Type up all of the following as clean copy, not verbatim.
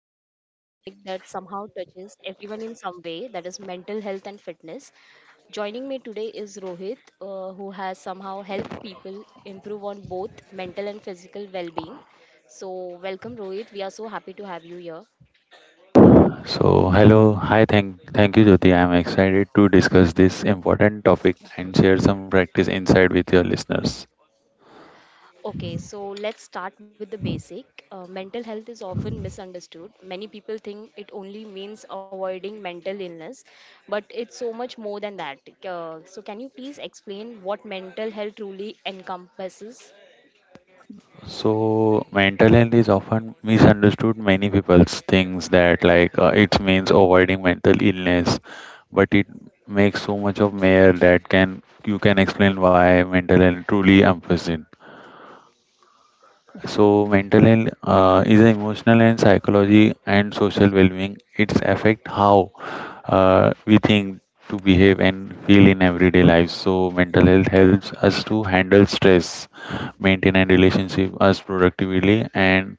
exploring a topic that somehow touches everyone in some way, that is mental health and fitness. Joining me today is Rohit, who has somehow helped people improve on both mental and physical well-being. So welcome Rohit. We are so happy to have you here. So, hello, hi, thank you, Jyoti. I'm excited to discuss this important topic and share some practice insight with your listeners. Okay, so let's start with the basic. Mental health is often misunderstood. Many people think it only means avoiding mental illness, but it's so much more than that. Can you please explain what mental health truly encompasses? So, mental health is often misunderstood. Many people thinks that like it means avoiding mental illness, but it makes so much of mayor that can you can explain why mental health truly emphasizes. So, mental health is an emotional and psychology and social well-being. It's affect how we think to behave and feel in everyday life. So mental health helps us to handle stress, maintain and relationship us productively, and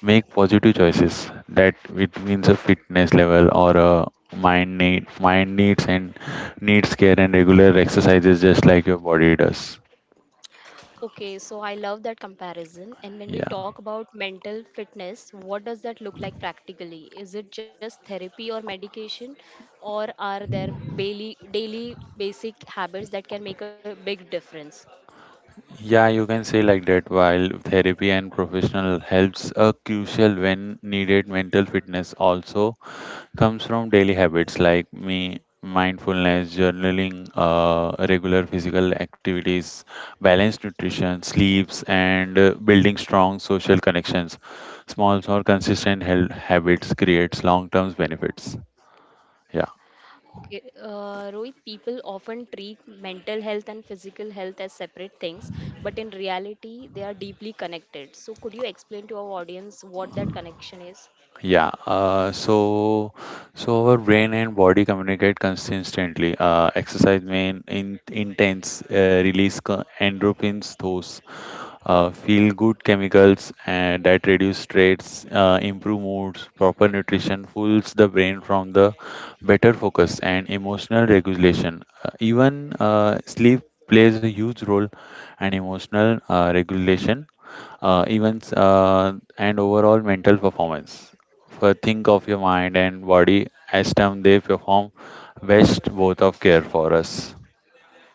make positive choices. That it means a fitness level or a mind needs and needs care and regular exercises just like your body does. Okay, so I love that comparison. And when we Yeah. talk about mental fitness, what does that look like practically? Is it just therapy or medication, or are there daily basic habits that can make a big difference? Yeah, you can say like that while therapy and professional helps are crucial when needed mental fitness also comes from daily habits like me mindfulness journaling uh, regular physical activities balanced nutrition sleeps and building strong social connections small or consistent health habits creates long term benefits. Yeah. Okay, Rohit, people often treat mental health and physical health as separate things, but in reality, they are deeply connected. So, could you explain to our audience what that connection is? Yeah, so our brain and body communicate consistently. Uh, exercise may intense release endorphins, those feel good chemicals, and that reduce stress, improve moods, proper nutrition fools the brain from the better focus and emotional regulation. Even sleep plays a huge role and emotional regulation, even and overall mental performance. For think of your mind and body as time they perform best both of care for us.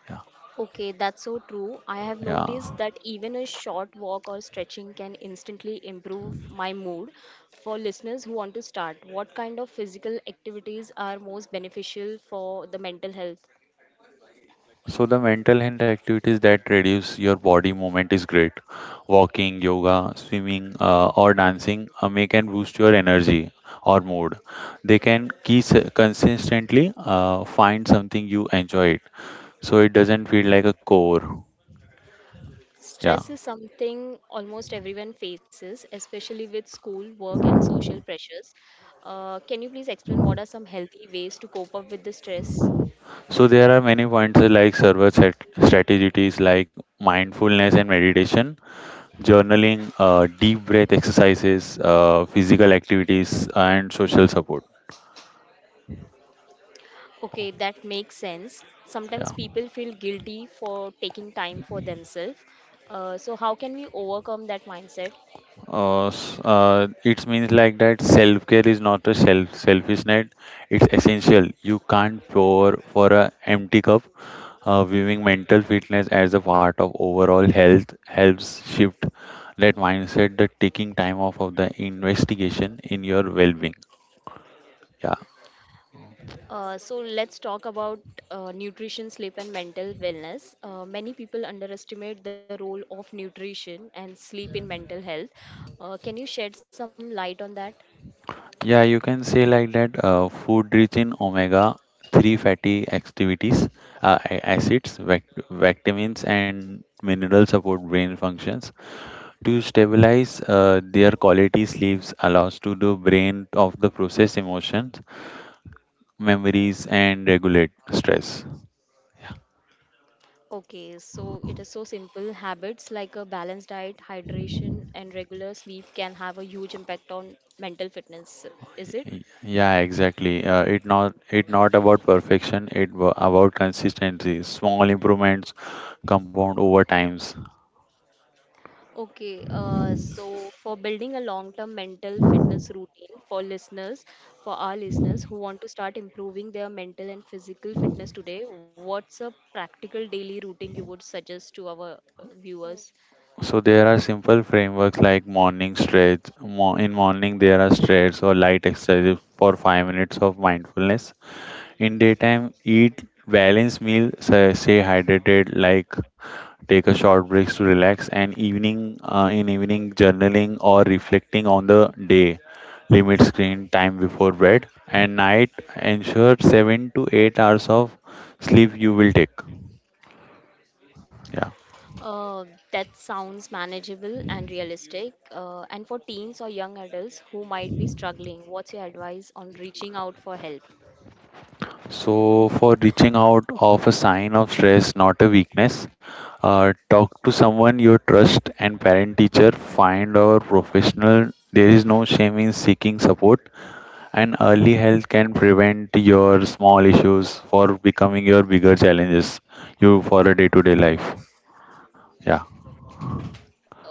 Yeah. Okay, that's so true. I have Yeah. noticed that even a short walk or stretching can instantly improve my mood. For listeners who want to start, what kind of physical activities are most beneficial for the mental health? So the mental health activities that reduce your body movement is great. Walking, yoga, swimming, or dancing may can boost your energy or mood. They can keep consistently, find something you enjoy it, so it doesn't feel like a core. Yeah. Stress is something almost everyone faces, especially with school, work, and social pressures. Can you please explain what are some healthy ways to cope up with the stress? So there are many points like strategies like mindfulness and meditation, journaling, deep breath exercises, physical activities, and social support. Okay, that makes sense. Sometimes Yeah. people feel guilty for taking time for themselves. How can we overcome that mindset? It means like that self care is not a selfish net. It's essential. You can't pour for a empty cup. Viewing mental fitness as a part of overall health helps shift that mindset. The taking time off of the investigation in your well-being. Yeah, So let's talk about nutrition, sleep, and mental wellness. Many people underestimate the role of nutrition and sleep in mental health. Can you shed some light on that? yeah. You can say like that. Food rich in omega three fatty activities, acids, vac- vitamins, and minerals support brain functions to stabilize, their quality sleeps allows to the brain of the process emotions, memories and regulate stress. Okay, so it is so simple. Habits like a balanced diet, hydration, and regular sleep can have a huge impact on mental fitness, is it? Yeah exactly, it not, it not about perfection, it about consistency, small improvements compound over times. Okay, so for building a long term mental fitness routine for listeners, for our listeners who want to start improving their mental and physical fitness today, what's a practical daily routine you would suggest to our viewers? So there are simple frameworks like morning stretch. In morning there are stretches or light exercises for 5 minutes of mindfulness. In daytime, eat balanced meal, stay hydrated, like take a short breaks to relax. And evening, in evening, journaling or reflecting on the day. Limit screen time before bed. And night, ensure 7 to 8 hours of sleep you will take. Yeah. Uh, that sounds manageable and realistic. And for teens or young adults who might be struggling, what's your advice on reaching out for help? So, for reaching out of a sign of stress, not a weakness, talk to someone you trust and parent teacher, find or professional. There is no shame in seeking support, and early help can prevent your small issues for becoming your bigger challenges you for a day to day life. Yeah,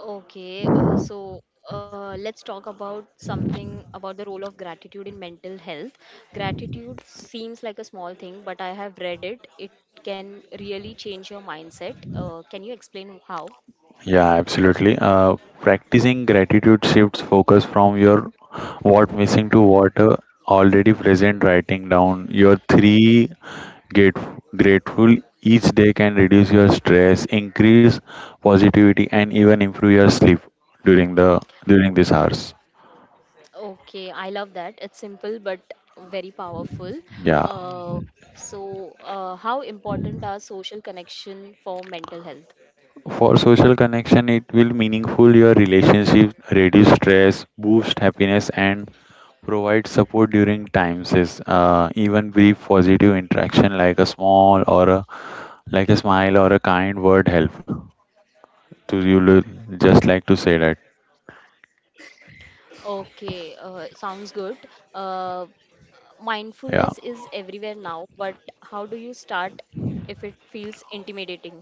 Okay, let's talk about something about the role of gratitude in mental health. Gratitude seems like a small thing, but I have read it. It can really change your mindset. Can you explain how? yeah, absolutely. Practicing gratitude shifts focus from your what missing to what already present, writing down your three Grate- grateful each day can reduce your stress, increase positivity, and even improve your sleep during the during these hours. Okay, I love that. It's simple but very powerful. Yeah. Uh, how important are social connection for mental health? For social connection, it will meaningful your relationship, reduce stress, boost happiness, and provide support during times is, even brief positive interaction like a small or a like a smile or a kind word help to you will just like to say that. Okay, sounds good. Uh, Mindfulness Yeah. is everywhere now, but how do you start if it feels intimidating?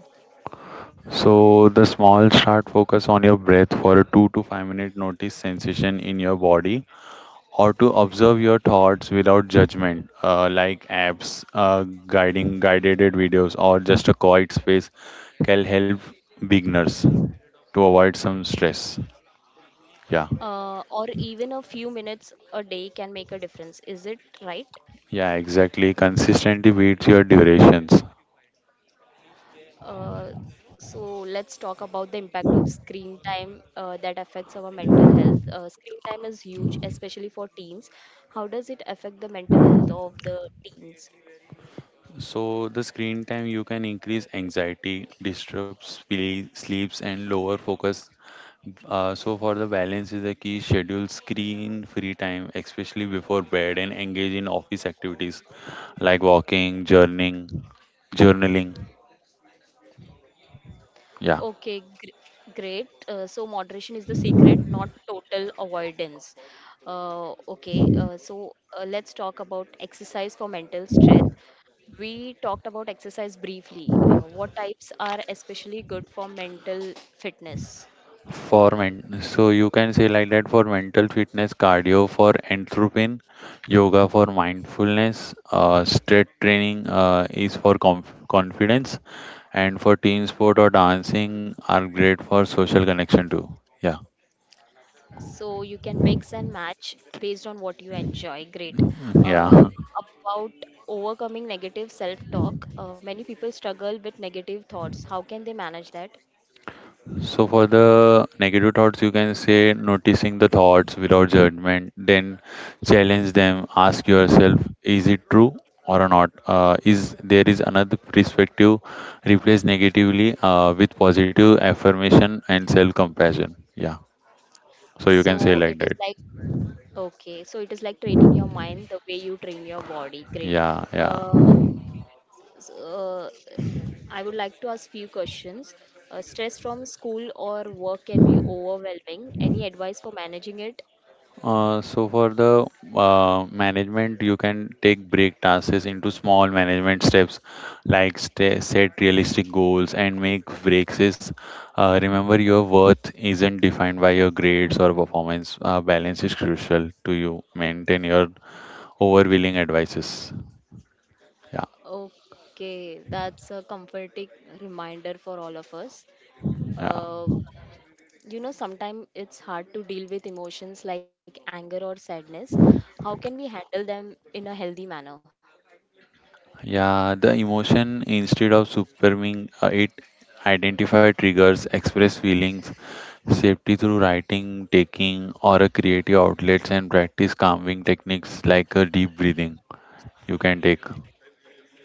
So the small start focus on your breath for a 2 to 5 minute notice sensation in your body or to observe your thoughts without judgment, like apps, guiding guided videos or just a quiet space can help beginners to avoid some stress. Yeah. Or even a few minutes a day can make a difference. Is it right? Yeah, exactly. Consistently beats your durations. Uh, so let's talk about the impact of screen time that affects our mental health. Screen time is huge, especially for teens. How does it affect the mental health of the teens? So the screen time you can increase anxiety, disrupts sleeps and lower focus. So for the balance is the key schedule screen free time, especially before bed, and engage in office activities like walking, journaling. Yeah. Okay, great. So moderation is the secret, not total avoidance. Uh, okay, uh, so let's talk about exercise for mental strength. We talked about exercise briefly. What types are especially good for mental fitness? For men, so you can say like that for mental fitness, cardio for anthropine, yoga for mindfulness, strength training is for confidence, and for team sport or dancing are great for social connection too. Yeah, So you can mix and match based on what you enjoy. Great. yeah. uh, about overcoming negative self talk, many people struggle with negative thoughts. How can they manage that? So for the negative thoughts, you can say noticing the thoughts without judgment, then challenge them. Ask yourself, is it true or not? Is there is another perspective? Replace negatively with positive affirmation and self compassion. Yeah. So you So can say it like is that. like, okay, so it is like training your mind the way you train your body. Great. Yeah. Yeah. uh, s- uh, I would like to ask few questions. Stress from school or work can be overwhelming. Any advice for managing it? So for the management, you can take break tasks into small management steps, like st set realistic goals and make breaks. Remember, your worth isn't defined by your grades or performance. Balance is crucial to you maintain your overwhelming advices. Yeah, Okay, that's a comforting reminder for all of us. yeah. Uh, you know, sometimes it's hard to deal with emotions like anger or sadness. How can we handle them in a healthy manner? Yeah, the emotion instead of superming, it identify triggers, express feelings, safety through writing, taking or a creative outlets and practice calming techniques like a deep breathing. You can take,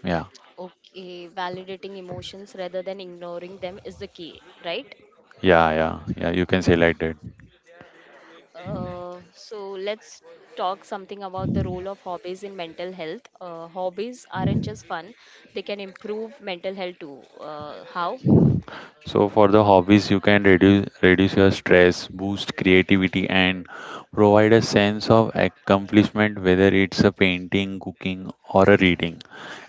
yeah. Okay, validating emotions rather than ignoring them is the key, right? Yeah, yeah, yeah, you can say like that. So let's talk something about the role of hobbies in mental health. Hobbies aren't just fun; they can improve mental health too. How? So for the hobbies, you can reduce your stress, boost creativity, and provide a sense of accomplishment. Whether it's a painting, cooking, or a reading,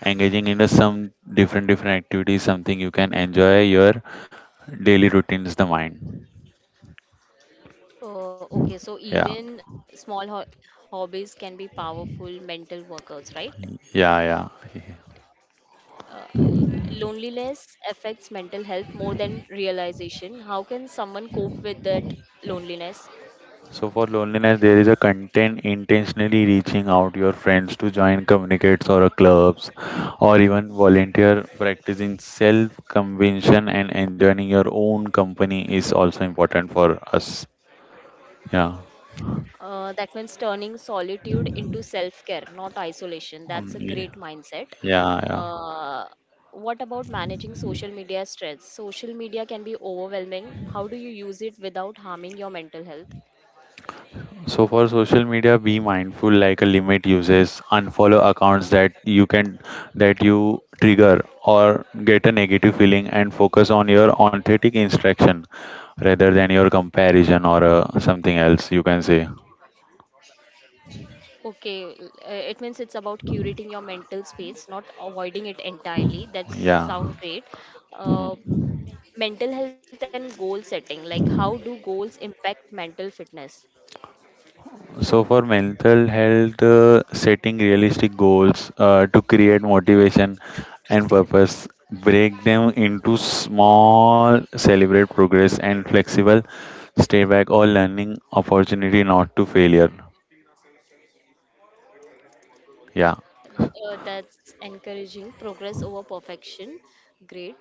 engaging in a, some different different activities, something you can enjoy your daily routines, the mind. Okay, so Yeah, even small hobbies can be powerful mental workouts, right? yeah, yeah. Loneliness affects mental health more than realization. How can someone cope with that loneliness? So for loneliness, there is a content intentionally reaching out your friends to join communicates or a clubs, or even volunteer. Practicing self convention and enjoying your own company is also important for us. Yeah. That means turning solitude into self care, not isolation. That's a Yeah, great mindset. yeah, yeah. Uh, what about managing social media stress? Social media can be overwhelming. How do you use it without harming your mental health? So for social media, be mindful, like a limit uses, unfollow accounts that you trigger or get a negative feeling, and focus on your authentic instruction rather than your comparison or something else. You can say, It means it's about curating your mental space, not avoiding it entirely. That yeah. sounds great. Uh, Hmm. Mental health and goal setting, like how do goals impact mental fitness? So for mental health, setting realistic goals to create motivation and purpose, break them into small, celebrate progress and flexible, stay back or learning opportunity, not to failure. Yeah, yeah, That's encouraging. Progress over perfection. Great.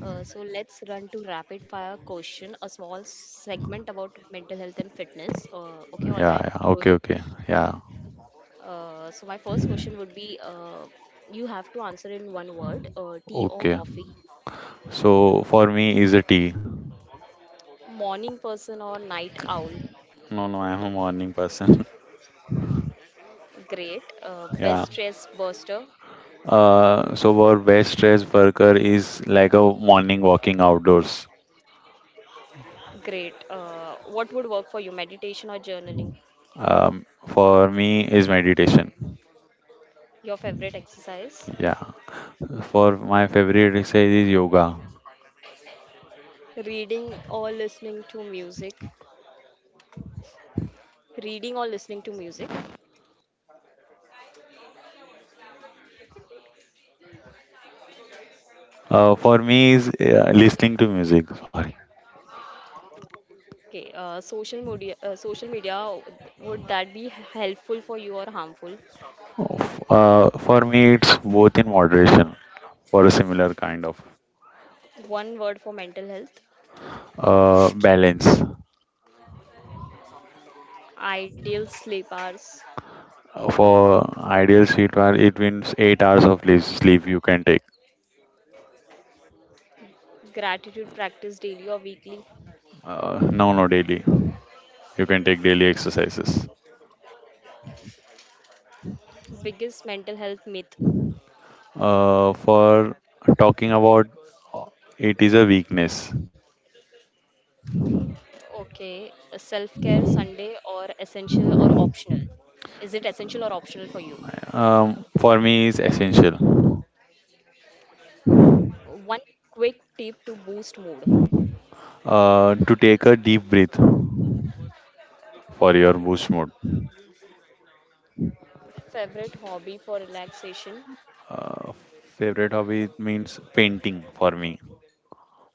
So let's run to rapid fire question, a small segment about mental health and fitness. Okay, all right, yeah. Okay, Rohit. okay, yeah, So my first question would be, you have to answer in one word, tea or okay. coffee? So for me is a tea. Morning person or night owl? No, no, I'm a morning person. Great. Best stress Yeah. buster? So our best stress worker is like a morning walking outdoors. Great. What would work for you? Meditation or journaling? For me is meditation. Your favorite exercise? Yeah. For my favorite exercise is yoga. Reading or listening to music? Reading or listening to music? For me is, listening to music. Sorry. Okay. Social media, would that be helpful for you or harmful? For me it's both in moderation for a similar kind of, One word for mental health. Balance. Ideal sleep hours. For ideal sleep, hour, it means 8 hours of sleep you can take. Gratitude practice daily or weekly. No, no, daily. You can take daily exercises. Biggest mental health myth. For Talking about, uh, it is a weakness. Okay, self-care Sunday or essential or optional? Is it essential or optional for you? Um, for me is essential. One quick tip to boost mood. Uh, to take a deep breath for your boost mode. Favorite hobby for relaxation? Uh, favorite hobby means painting for me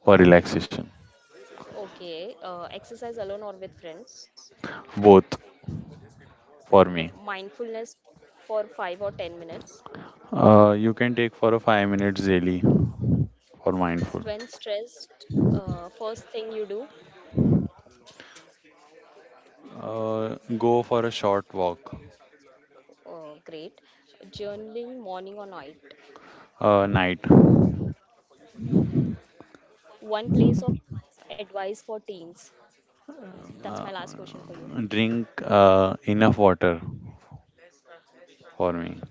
for relaxation, Okay, exercise alone or with friends. both for me. Mindfulness for 5 or 10 minutes. You can take for a 5 minutes daily for mindful. When stressed, first thing you do? Go for a short walk. Great. Journaling morning or night. Uh, night. One place of advice for teens. That's my Uh, last question for you. Drink enough water for me.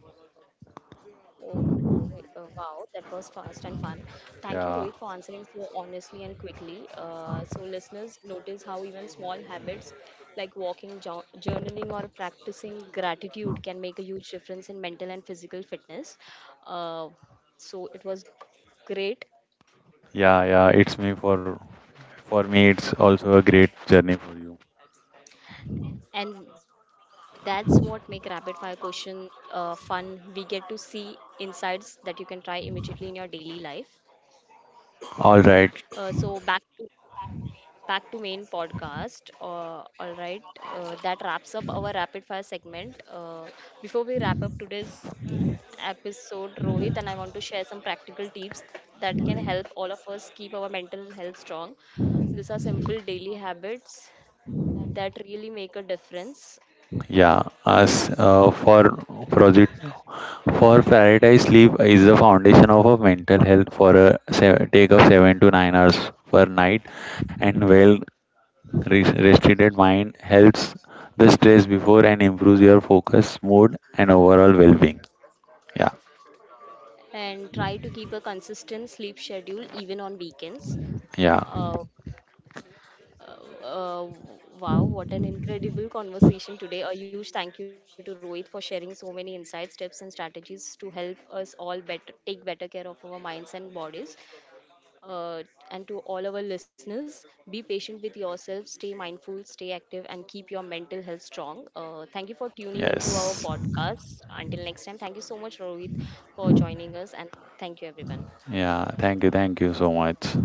Okay, wow, that was fast and fun. Thank you, Yeah, Rohit, for answering so honestly and quickly. Listeners, notice how even small habits like walking, journaling, or practicing gratitude can make a huge difference in mental and physical fitness. Uh, it was great, yeah, yeah. It's me for me. It's also a great journey for you. and that's what make rapid fire question fun. We get to see insights that you can try immediately in your daily life. All Uh, right, so, back to Back to main podcast. All right, that wraps up our rapid fire segment. Before we wrap up today's episode, Rohit and I want to share some practical tips that can help all of us keep our mental health strong. These are simple daily habits that really make a difference, yeah. As for project For prioritize sleep is the foundation of a mental health for a take of 7 to 9 hours per night, and well restricted mind helps the stress before and improves your focus, mood, and overall well-being. Yeah, and try to keep a consistent sleep schedule even on weekends. yeah, Uh, Uh, uh, wow, what an incredible conversation today. A huge thank you to Rohit for sharing so many insights, tips, and strategies to help us all better, take better care of our minds and bodies. Uh, and to all our listeners, be patient with yourself, stay mindful, stay active, and keep your mental health strong. Thank you for tuning into our yes, podcast. Until next time, thank you so much, Rohit, for joining us, and thank you, everyone. yeah. Thank you so much.